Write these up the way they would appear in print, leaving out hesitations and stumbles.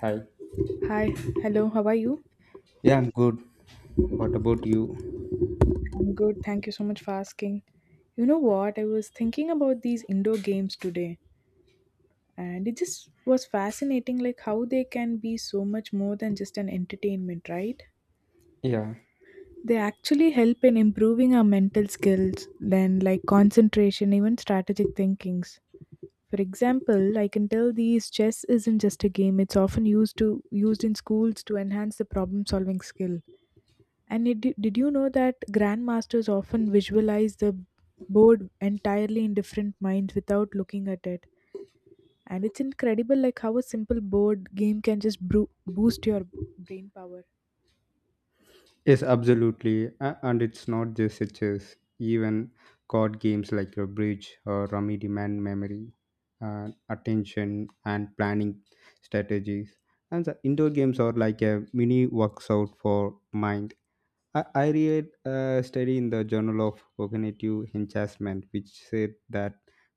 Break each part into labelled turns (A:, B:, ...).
A: Hi.
B: Hi, hello, how are you?
A: Yeah, I'm good. What about you?
B: I'm good, thank you so much for asking. You know what? I was thinking about these indoor games today, and it just was fascinating like how they can be so much more than just an entertainment, right?
A: Yeah.
B: They actually help in improving our mental skills, then like concentration, even strategic thinkings. For example, I can tell these chess isn't just a game, it's often used to used in schools to enhance the problem solving skill. And it, did you know that grandmasters often visualize the board entirely in different minds without looking at it? And it's incredible, like how a simple board game can just boost your brain power.
A: Yes, absolutely. And it's not just a chess, even card games like your bridge or rummy demand memory, attention, and planning strategies. And the indoor games are like a mini workout for mind. I read a study in the Journal of Cognitive Enhancement, which said that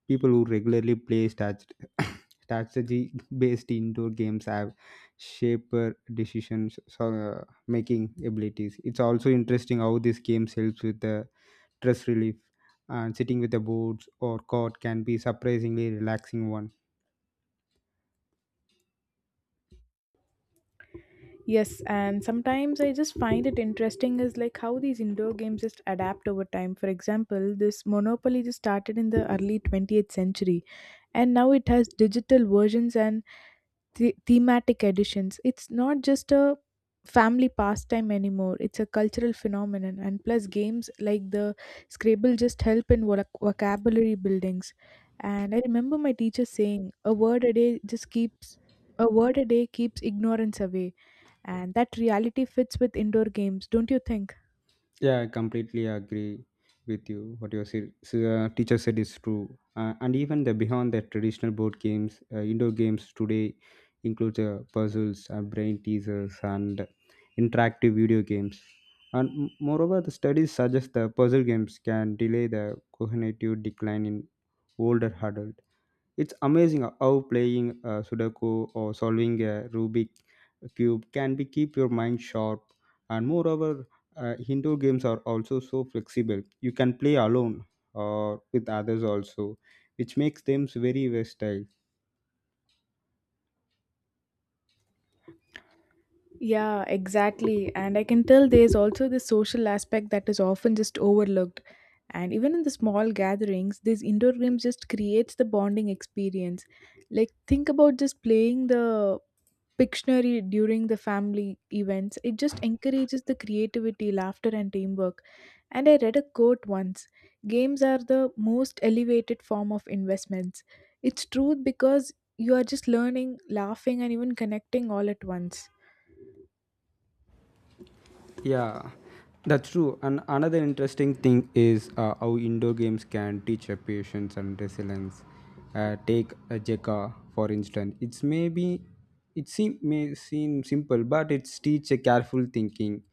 A: people who regularly play strategy based indoor games have shaper decisions so, making abilities. It's also interesting how these games helps with the stress relief and sitting with the boards or court can be surprisingly relaxing one.
B: Yes, and sometimes I just find it interesting is like how these indoor games just adapt over time. For example, this Monopoly just started in the early 20th century, and now it has digital versions and thematic editions. It's not just a family pastime anymore, it's a cultural phenomenon. And plus, games like the Scrabble just help in vocabulary buildings. And I remember my teacher saying, a word a day just keeps. A word a day keeps ignorance away, and that reality fits with indoor games, don't you think?
A: Yeah, I completely agree with you. What your teacher said is true. And even the beyond the traditional board games, indoor games today include puzzles, brain teasers, and interactive video games. And moreover, the studies suggest the puzzle games can delay the cognitive decline in older adults. It's amazing how playing Sudoku or solving a Rubik cube can be keep your mind sharp. And moreover, indoor games are also so flexible. You can play alone or with others also, which makes them very versatile.
B: Yeah, exactly. And I can tell there's also the social aspect that is often just overlooked. And even in the small gatherings, these indoor games just creates the bonding experience. Like think about just playing the Pictionary during the family events. It just encourages the creativity, laughter, and teamwork. And I read a quote once, games are the most elevated form of investments. It's true because you are just learning, laughing, and even connecting all at once.
A: Yeah, that's true. And another interesting thing is how indoor games can teach patience and resilience. Take a Jekka for instance. It's maybe it seem may seem simple, but it's teach a careful thinking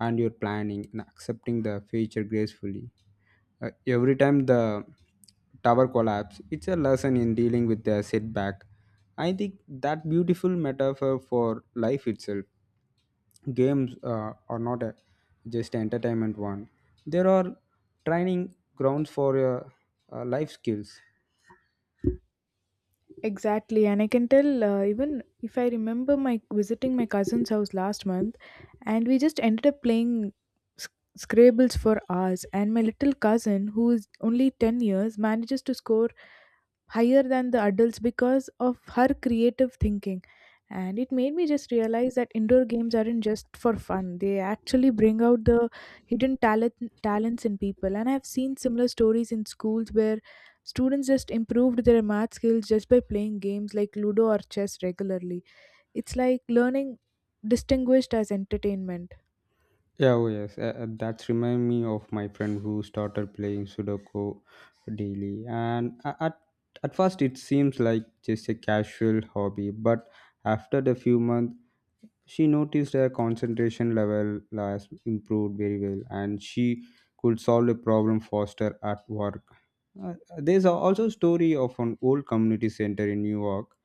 A: and your planning and accepting the future gracefully. Every time the tower collapse, it's a lesson in dealing with the setback. I think that beautiful metaphor for life itself games are not a, just entertainment one there are training grounds for life skills.
B: Exactly, and I can tell even if I remember my visiting my cousin's house last month, and we just ended up playing sc- Scrabbles for hours. And my little cousin, who is only 10 years, manages to score higher than the adults because of her creative thinking. And it made me just realize that indoor games aren't just for fun. They actually bring out the hidden talent talents in people. And I've seen similar stories in schools where students just improved their math skills just by playing games like Ludo or chess regularly. It's like learning distinguished as entertainment.
A: Yeah, oh yes, that's remind me of my friend who started playing Sudoku daily, and at first it seems like just a casual hobby, but after the few months, she noticed her concentration level has improved very well, and she could solve a problem faster at work. Uh, there's also a story of an old community center in New York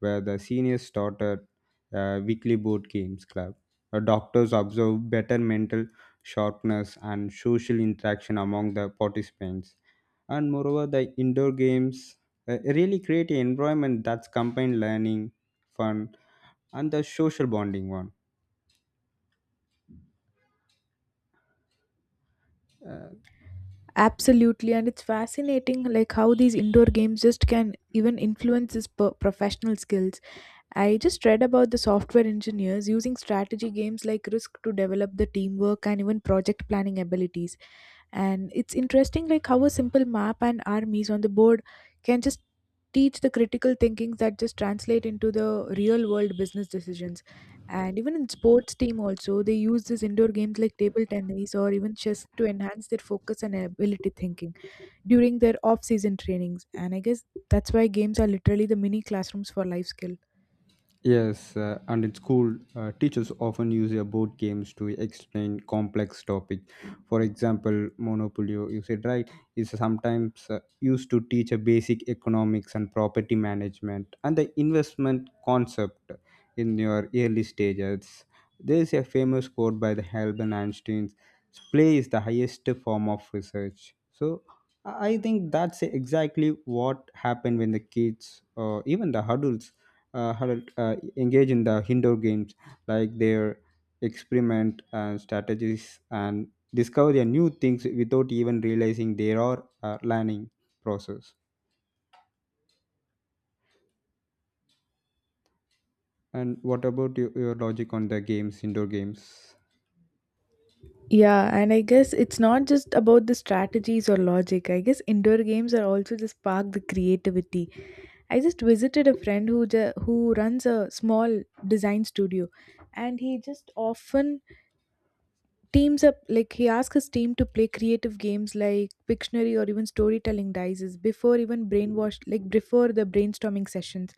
A: where the seniors started a weekly board games club, doctors observed better mental sharpness and social interaction among the participants. And moreover, the indoor games really create an environment that's combined learning, fun, and the social bonding one. Uh,
B: Absolutely, and it's fascinating like how these indoor games just can even influence his professional skills. I just read about the software engineers using strategy games like Risk to develop the teamwork and even project planning abilities. And it's interesting like how a simple map and armies on the board can just teach the critical thinking that just translate into the real world business decisions, and even in sports team also they use these indoor games like table tennis or even chess to enhance their focus and ability thinking during their off season trainings. And I guess that's why games are literally the mini classrooms for life skill.
A: Yes, and in school, teachers often use their board games to explain complex topic. For example, Monopoly, you said right, is sometimes used to teach a basic economics and property management and the investment concept in your early stages. There is a famous quote by the Albert Einstein: "Play is the highest form of research." So. I think that's exactly what happened when the kids, or even the adults, had engage in the indoor games like their experiment and strategies and discover their new things without even realizing they are learning process. And what about your logic on the games indoor games?
B: Yeah, and I guess it's not just about the strategies or logic. I guess indoor games are also just spark the creativity. I just visited a friend who who runs a small design studio, and he just often teams up, like he asked his team to play creative games like Pictionary or even storytelling dices before even brainwashed, like before the brainstorming sessions.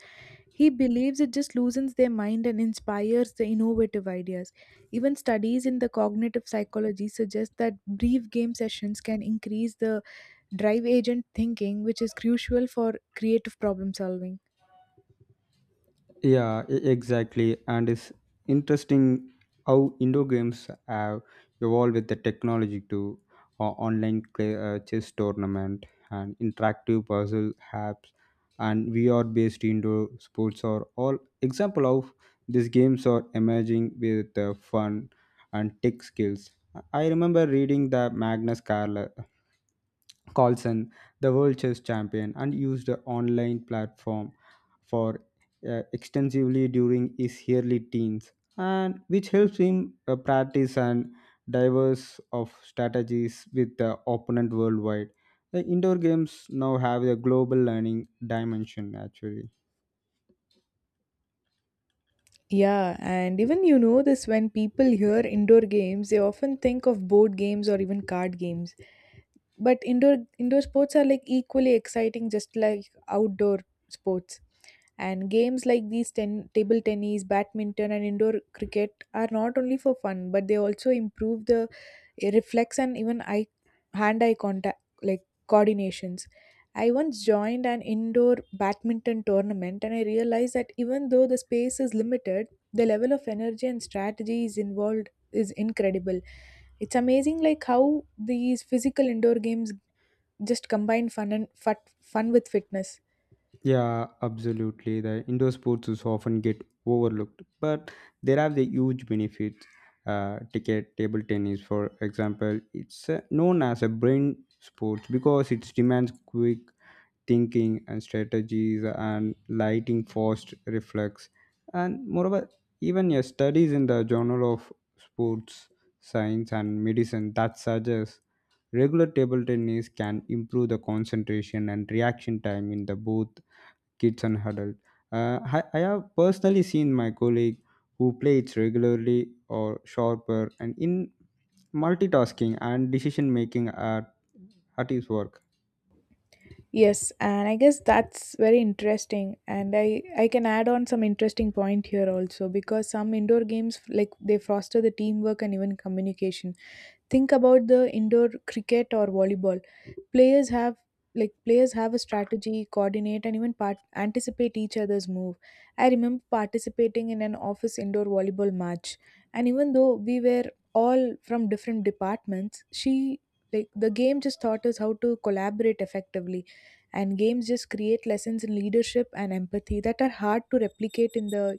B: He believes it just loosens their mind and inspires the innovative ideas. Even studies in the cognitive psychology suggest that brief game sessions can increase the drive agent thinking, which is crucial for creative problem solving.
A: Yeah, exactly. And it's interesting how indoor games have evolved with the technology to online chess tournament and interactive puzzle apps and VR-based indoor sports are all example of these games are emerging with fun and tech skills. I remember reading the Magnus Carlsen Carlson, the world chess champion, and used the online platform for extensively during his early teens, and which helps him practice and diverse of strategies with the opponent worldwide. The indoor games now have a global learning dimension actually.
B: Yeah, and even you know this, when people hear indoor games, they often think of board games or even card games, but indoor sports are like equally exciting just like outdoor sports. And games like these table tennis, badminton and indoor cricket are not only for fun but they also improve the reflex and even eye hand eye contact like coordinations. I once joined an indoor badminton tournament and I realized that even though the space is limited, the level of energy and strategy is involved is incredible. It's amazing like how these physical indoor games just combine fun with fitness.
A: Yeah, absolutely. The indoor sports is often get overlooked, but there are the huge benefits. Ticket table tennis, for example, it's known as a brain sport because it demands quick thinking and strategies and lighting fast reflex. And moreover, even your studies in the Journal of Sports Science and Medicine that suggests regular table tennis can improve the concentration and reaction time in the both kids and adults. I have personally seen my colleague who plays regularly or sharper and in multitasking and decision making at his work.
B: Yes, and I guess that's very interesting, and I can add on some interesting point here also because some indoor games, like they foster the teamwork and even communication. Think about the indoor cricket or volleyball. Players have Like players have a strategy, coordinate and even anticipate each other's move. I remember participating in an office indoor volleyball match, and even though we were all from different departments, she like the game just taught us how to collaborate effectively. And games just create lessons in leadership and empathy that are hard to replicate in the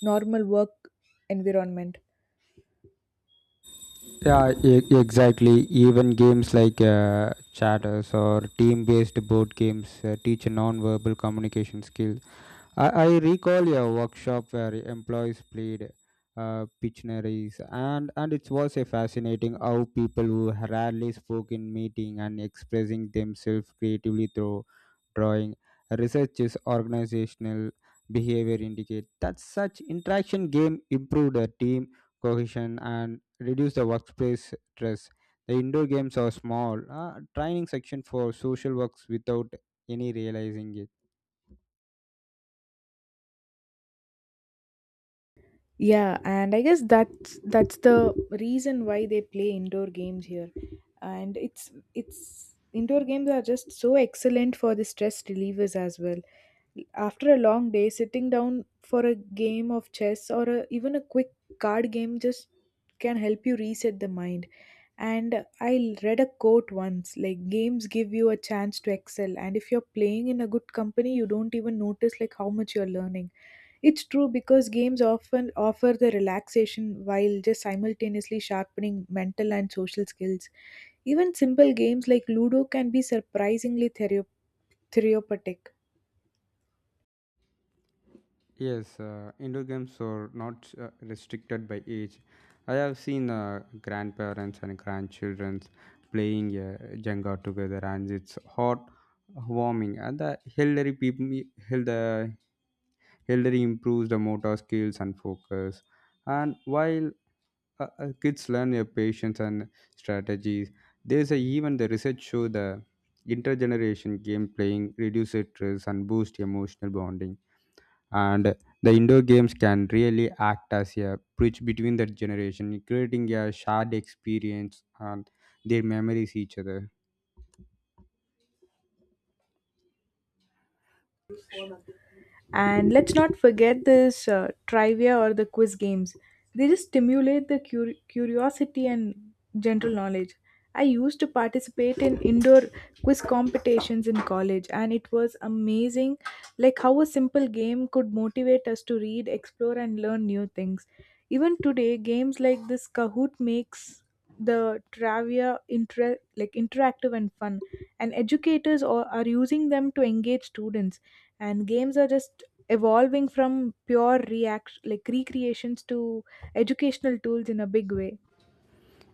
B: normal work environment.
A: Yeah, exactly. Even games like chatters or team based board games teach non verbal communication skills. I recall a workshop where employees played Pictionaries, and it was a fascinating how people who rarely spoke in meeting and expressing themselves creatively through drawing. Research is organizational behavior indicate that such interaction game improve the team cohesion and reduce the workplace stress. The indoor games are small, training section for social works without any realizing it.
B: Yeah, and I guess that's the reason why they play indoor games here. And it's indoor games are just so excellent for the stress relievers as well. After a long day, sitting down for a game of chess or a, even a quick card game just can help you reset the mind. And I read a quote once, like games give you a chance to excel, and if you're playing in a good company you don't even notice like how much you're learning. It's true because games often offer the relaxation while just simultaneously sharpening mental and social skills. Even simple games like Ludo can be surprisingly therapeutic.
A: Yes, indoor games are not restricted by age. I have seen grandparents and grandchildren playing Jenga together, and it's hot, warming. And the elderly people, the elderly improves the motor skills and focus. And while kids learn their patience and strategies, there's a, even the research show the intergeneration game playing reduces stress and boost emotional bonding and the indoor games can really act as a bridge between the generation creating a shared experience and their memories each other.
B: And let's not forget this trivia or the quiz games. They just stimulate the curiosity and general knowledge. I used to participate in indoor quiz competitions in college, and it was amazing like how a simple game could motivate us to read, explore, and learn new things. Even today, games like this Kahoot makes the travia like interactive and fun, and educators are using them to engage students. And games are just evolving from pure react like recreations to educational tools in a big way.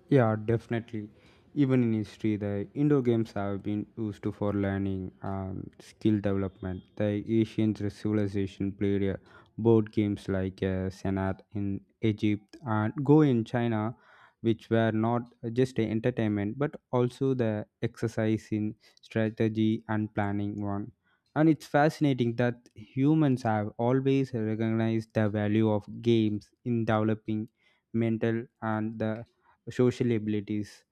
A: Yeah, definitely. Even in history, the indoor games have been used to for learning and skill development. The ancient civilization played board games like Senat in Egypt and Go in China, which were not just a entertainment but also the exercise in strategy and planning one. And it's fascinating that humans have always recognized the value of games in developing mental and the social abilities.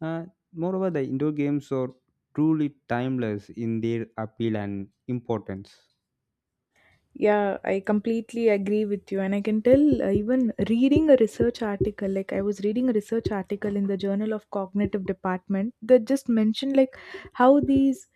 A: Uh, Moreover, the indoor games are truly timeless in their appeal and importance.
B: Yeah, I completely agree with you, and I can tell even reading a research article, like I was reading a research article in the Journal of Cognitive Department that just mentioned like how these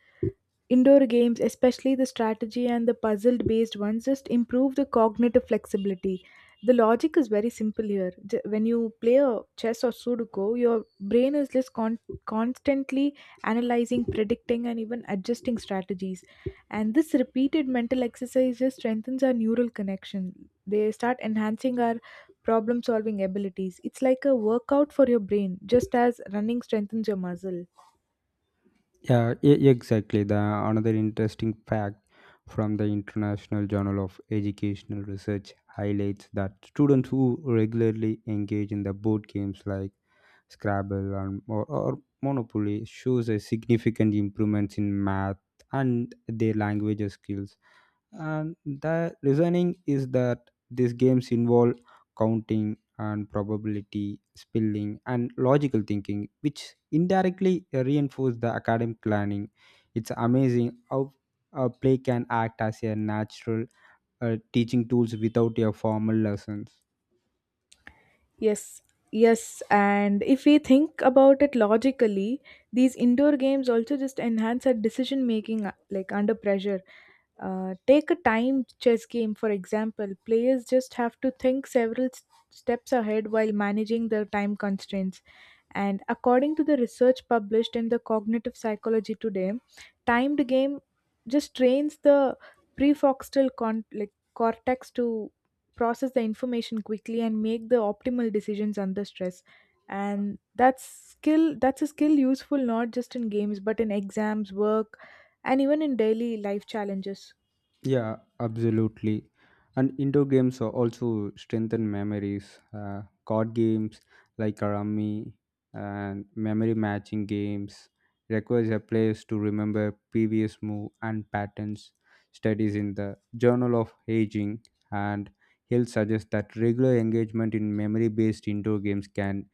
B: indoor games, especially the strategy and the puzzle based ones, just improve the cognitive flexibility. The logic is very simple here. When you play a chess or Sudoku, your brain is just constantly analyzing, predicting, and even adjusting strategies. And this repeated mental exercise just strengthens our neural connection. They start enhancing our problem solving abilities. It's like a workout for your brain, just as running strengthens your muscle.
A: Yeah, exactly. The another interesting fact from the International Journal of Educational Research highlights that students who regularly engage in the board games like Scrabble or Monopoly shows a significant improvements in math and their language skills, and the reasoning is that these games involve counting and probability spelling and logical thinking which indirectly reinforce the academic learning. It's amazing how a play can act as a natural teaching tools without your formal lessons.
B: Yes, yes, and if we think about it logically, these indoor games also just enhance our decision making, like under pressure. Take a timed chess game, for example. Players just have to think several steps ahead while managing their time constraints. And according to the research published in the Cognitive Psychology Today, timed game just trains the prefrontal like cortex to process the information quickly and make the optimal decisions under stress. And that's skill that's a skill useful not just in games but in exams work and even in daily life challenges.
A: Yeah, absolutely. And indoor games are also strengthen memories. Card games like Karami and memory matching games requires a players to remember previous move and patterns. Studies in the Journal of Aging and Hill suggest that regular engagement in memory-based indoor games can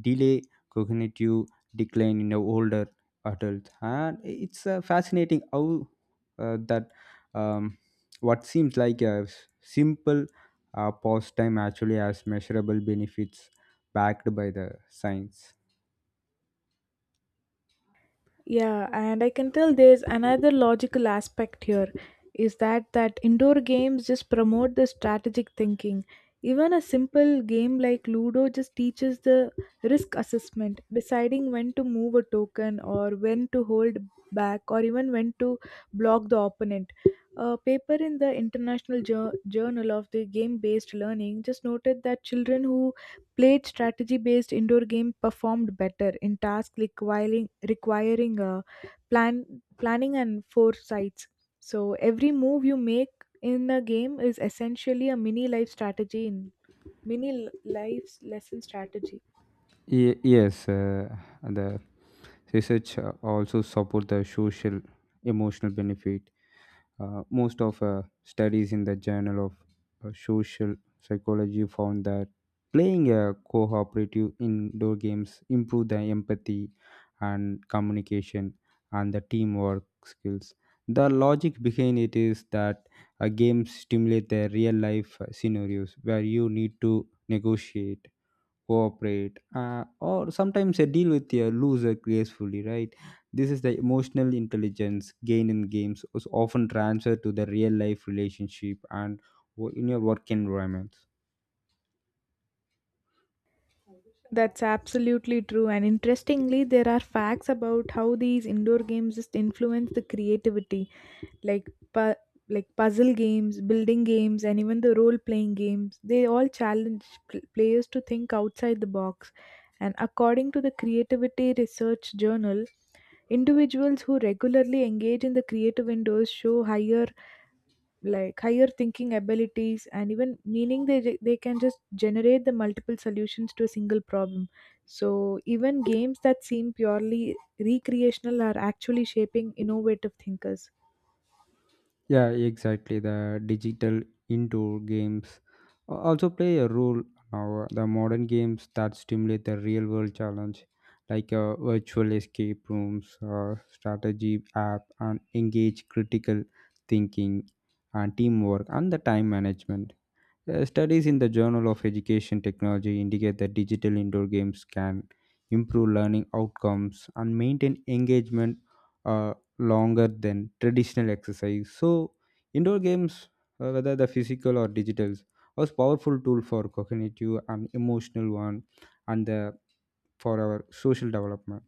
A: delay cognitive decline in the older adults. And it's fascinating how that um, what seems like a simple pastime actually has measurable benefits backed by the science.
B: Yeah, and I can tell there's another logical aspect here is that indoor games just promote the strategic thinking. Even a simple game like Ludo just teaches the risk assessment, deciding when to move a token or when to hold back or even when to block the opponent. A paper in the International Journal of the Game Based Learning just noted that children who played strategy-based indoor games performed better in tasks requiring plan planning and foresights. So every move you make in a game is essentially a mini life strategy in mini life lesson strategy.
A: Yes, the research also support the social emotional benefit. Most of studies in the Journal of Social Psychology found that playing a cooperative indoor games improve the empathy and communication and the teamwork skills. The logic behind it is that games stimulate the real life scenarios where you need to negotiate cooperate or sometimes deal with your loser gracefully, right? This is the emotional intelligence gained in games is often transferred to the real life relationship and in your work environment.
B: That's absolutely true. And interestingly, there are facts about how these indoor games just influence the creativity, like like puzzle games, building games, and even the role playing games. They all challenge players to think outside the box. And according to the Creativity Research Journal, individuals who regularly engage in the creative indoors show higher like higher thinking abilities, and even meaning they can just generate the multiple solutions to a single problem. So even games that seem purely recreational are actually shaping innovative thinkers.
A: Yeah, exactly. The digital indoor games also play a role now. The modern games that stimulate the real world challenge, like virtual escape rooms, strategy app, and engage critical thinking and teamwork and the time management. Studies in the Journal of Education Technology indicate that digital indoor games can improve learning outcomes and maintain engagement longer than traditional exercise. So, indoor games, whether the physical or digital, was powerful tool for cognitive and emotional one, and the, for our social development.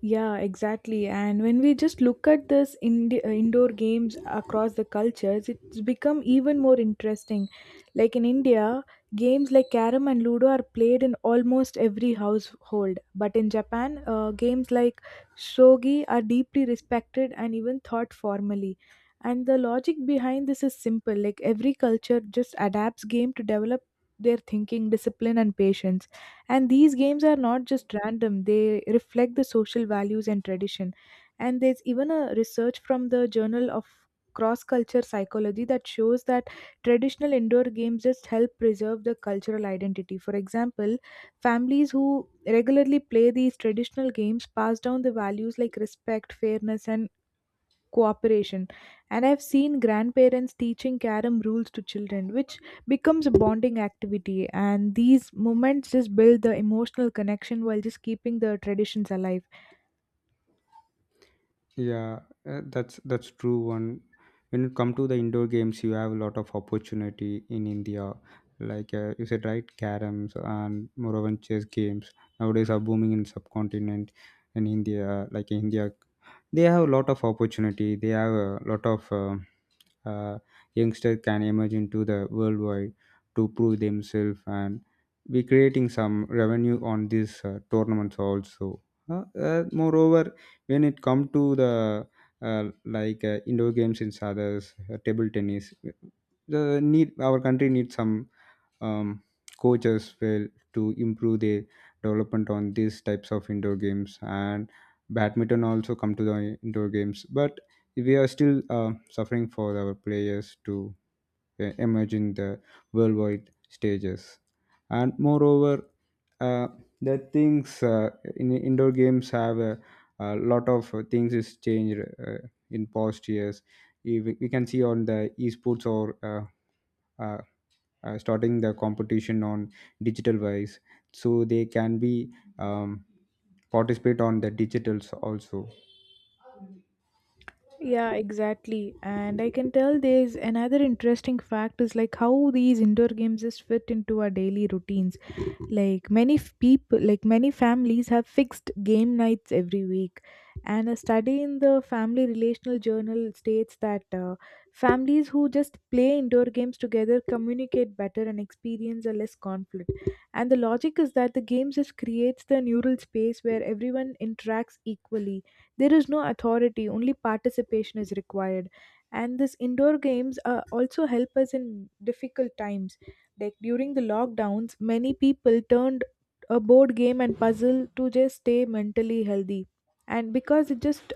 B: Yeah, exactly. And when we just look at this in indoor games across the cultures, it's become even more interesting. Like in India, games like Karam and Ludo are played in almost every household. But in Japan, games like Shogi are deeply respected and even thought formally. And the logic behind this is simple. Like every culture just adapts game to develop their thinking, discipline, and patience, and these games are not just random, they reflect the social values and tradition. And there's even a research from the Journal of Cross Culture Psychology that shows that traditional indoor games just help preserve the cultural identity. For example, families who regularly play these traditional games pass down the values like respect, fairness, and cooperation. And I've seen grandparents teaching carom rules to children, which becomes a bonding activity, and these moments just build the emotional connection while just keeping the traditions alive.
A: Yeah, that's true. One when it come to the indoor games, you have a lot of opportunity in India. Like you said, right, caroms and moreover chess games nowadays are booming in subcontinent in India. Like India, they have a lot of opportunity. They have a lot of uh, youngster can emerge into the worldwide to prove themselves and we creating some revenue on these tournaments also. Moreover, when it come to the indoor games in others, table tennis, the need our country needs some um, coach as well to improve their development on these types of indoor games, and badminton also come to the indoor games but we are still suffering for our players to emerge in the worldwide stages. And moreover, uh, the things in indoor games have a lot of things is changed in past years. If we can see on the esports or starting the competition on digital wise so they can be um, participate on the digitals also,
B: Yeah, exactly. And I can tell there's another interesting fact is like how these indoor games just fit into our daily routines. Like many people, like many families have fixed game nights every week. And a study in the Family Relational Journal states that families who just play indoor games together communicate better and experience a less conflict. And the logic is that the games just creates the neural space where everyone interacts equally. There is no authority, only participation is required. And this indoor games also help us in difficult times. Like during the lockdowns, many people turned a board game and puzzle to just stay mentally healthy. And because it just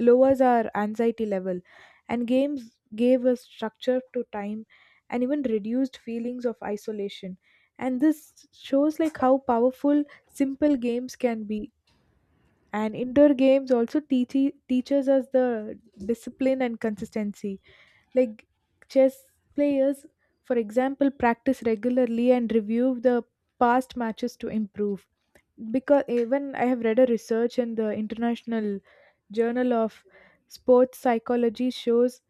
B: lowers our anxiety level. And games gave us structure to time and even reduced feelings of isolation. And this shows like how powerful simple games can be. And indoor games also teaches us the discipline and consistency. Like chess players, for example, practice regularly and review the past matches to improve. Because even I have read a research in the International Journal of Sports Psychology shows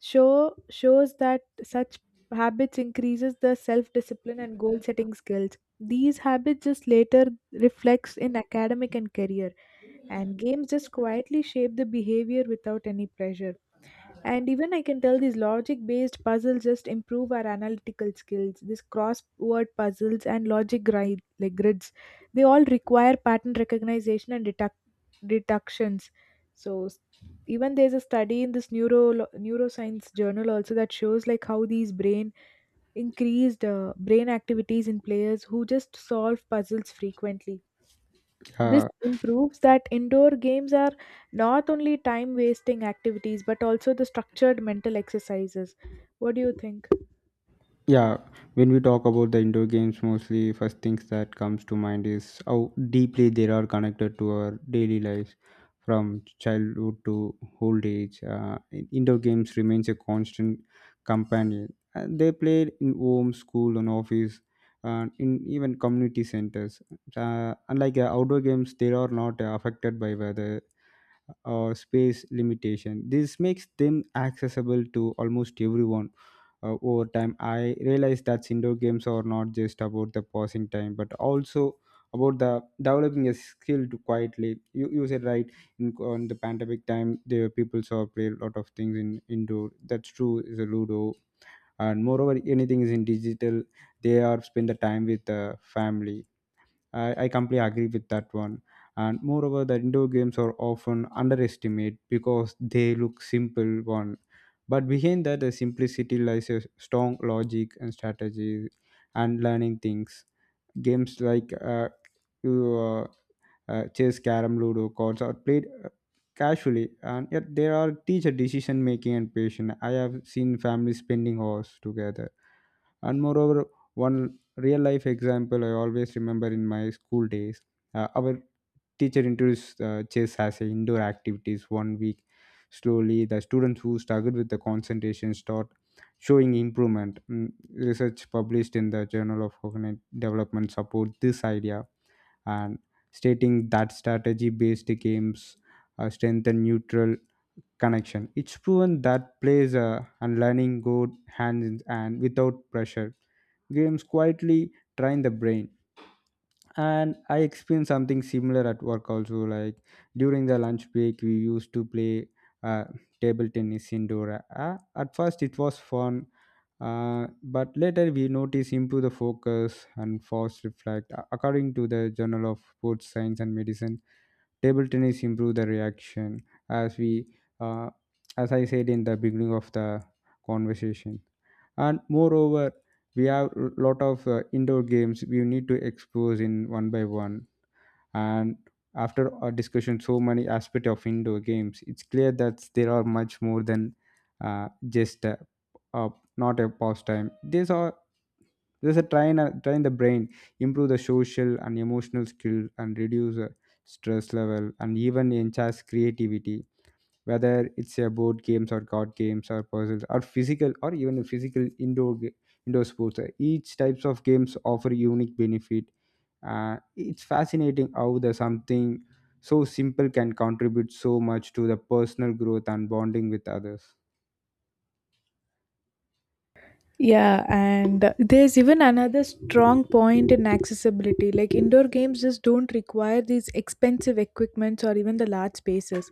B: show shows that such habits increases the self discipline and goal setting skills. These habits just later reflects in academic and career, and games just quietly shape the behavior without any pressure. And even I can tell these logic based puzzles just improve our analytical skills. These crossword puzzles and like grids, they all require pattern recognition and deductions. So even there's a study in this neuroscience journal also that shows like how these brain increased brain activities in players who just solve puzzles frequently. This
A: uh,
B: improves that indoor games are not only time wasting activities but also the structured mental exercises. What do you think?
A: yeah, when we talk about the indoor games, mostly first things that comes to mind is how deeply they are connected to our daily lives from childhood to old age. Indoor games remains a constant companion, and they played in home, school and office, and in even community centers. Unlike outdoor games, they are not affected by weather or space limitation. This makes them accessible to almost everyone. Over time, I realized that indoor games are not just about the passing time, but also about the developing a skill to quietly. You said right in on the pandemic time, the people saw play a lot of things in indoor. That's true. Is a ludo and moreover anything is in digital. They are spend the time with the family. I completely agree with that one. And moreover, the indoor games are often underestimated because they look simple one. But behind that, the simplicity lies a strong logic and strategy and learning things. Games like you, uh, chess, carom, ludo, cards are played casually, and yet they are teach a decision making and patience. I have seen families spending hours together. And moreover, one real life example I always remember in my school days, our teacher introduced chess as an indoor activities one week. Slowly, the students who struggled with the concentration start showing improvement. Mm, research published in the Journal of Cognitive Development support this idea and stating that strategy based games strengthen neutral connection. It's proven that plays and learning go hand in hand without pressure. Games quietly train the brain. And I experienced something similar at work also. Like during the lunch break, we used to play uh, table tennis indoor. At first, it was fun, but later we notice improve the focus and fast reflect. According to the Journal of Sports Science and Medicine, table tennis improve the reaction as uh, as I said in the beginning of the conversation. And moreover, we have a lot of indoor games we need to expose in one by one. And after our discussion so many aspect of indoor games, it's clear that there are much more than just uh, not a pastime. These are, there's a train train the brain, improve the social and emotional skill and reduce stress level and even enhance creativity, whether it's a board games or card games or puzzles or physical or even a indoor sports. Each types of games offer unique benefit. It's fascinating how the something so simple can contribute so much to the personal growth and bonding with others.
B: Yeah, and there's even another strong point in accessibility. Like indoor games just don't require these expensive equipments or even the large spaces.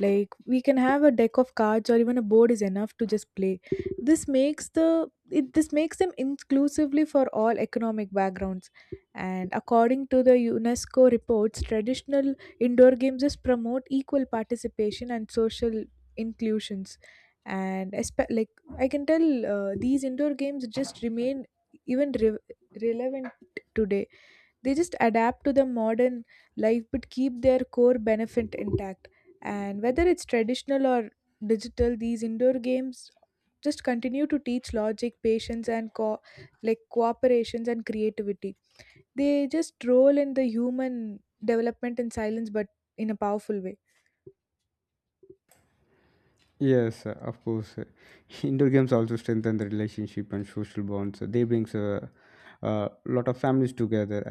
B: Like we can have a deck of cards or even a board is enough to just play. This makes the it this makes them inclusively for all economic backgrounds. And according to the UNESCO reports, traditional indoor games just promote equal participation and social inclusions. And like I can tell these indoor games just remain even relevant today. They just adapt to the modern life but keep their core benefit intact. And whether it's traditional or digital, these indoor games just continue to teach logic, patience, and like cooperations and creativity. They just roll in the human development in silence, but in a powerful way.
A: Yes, of course, indoor games also strengthen the relationship and social bonds. They brings a lot of families together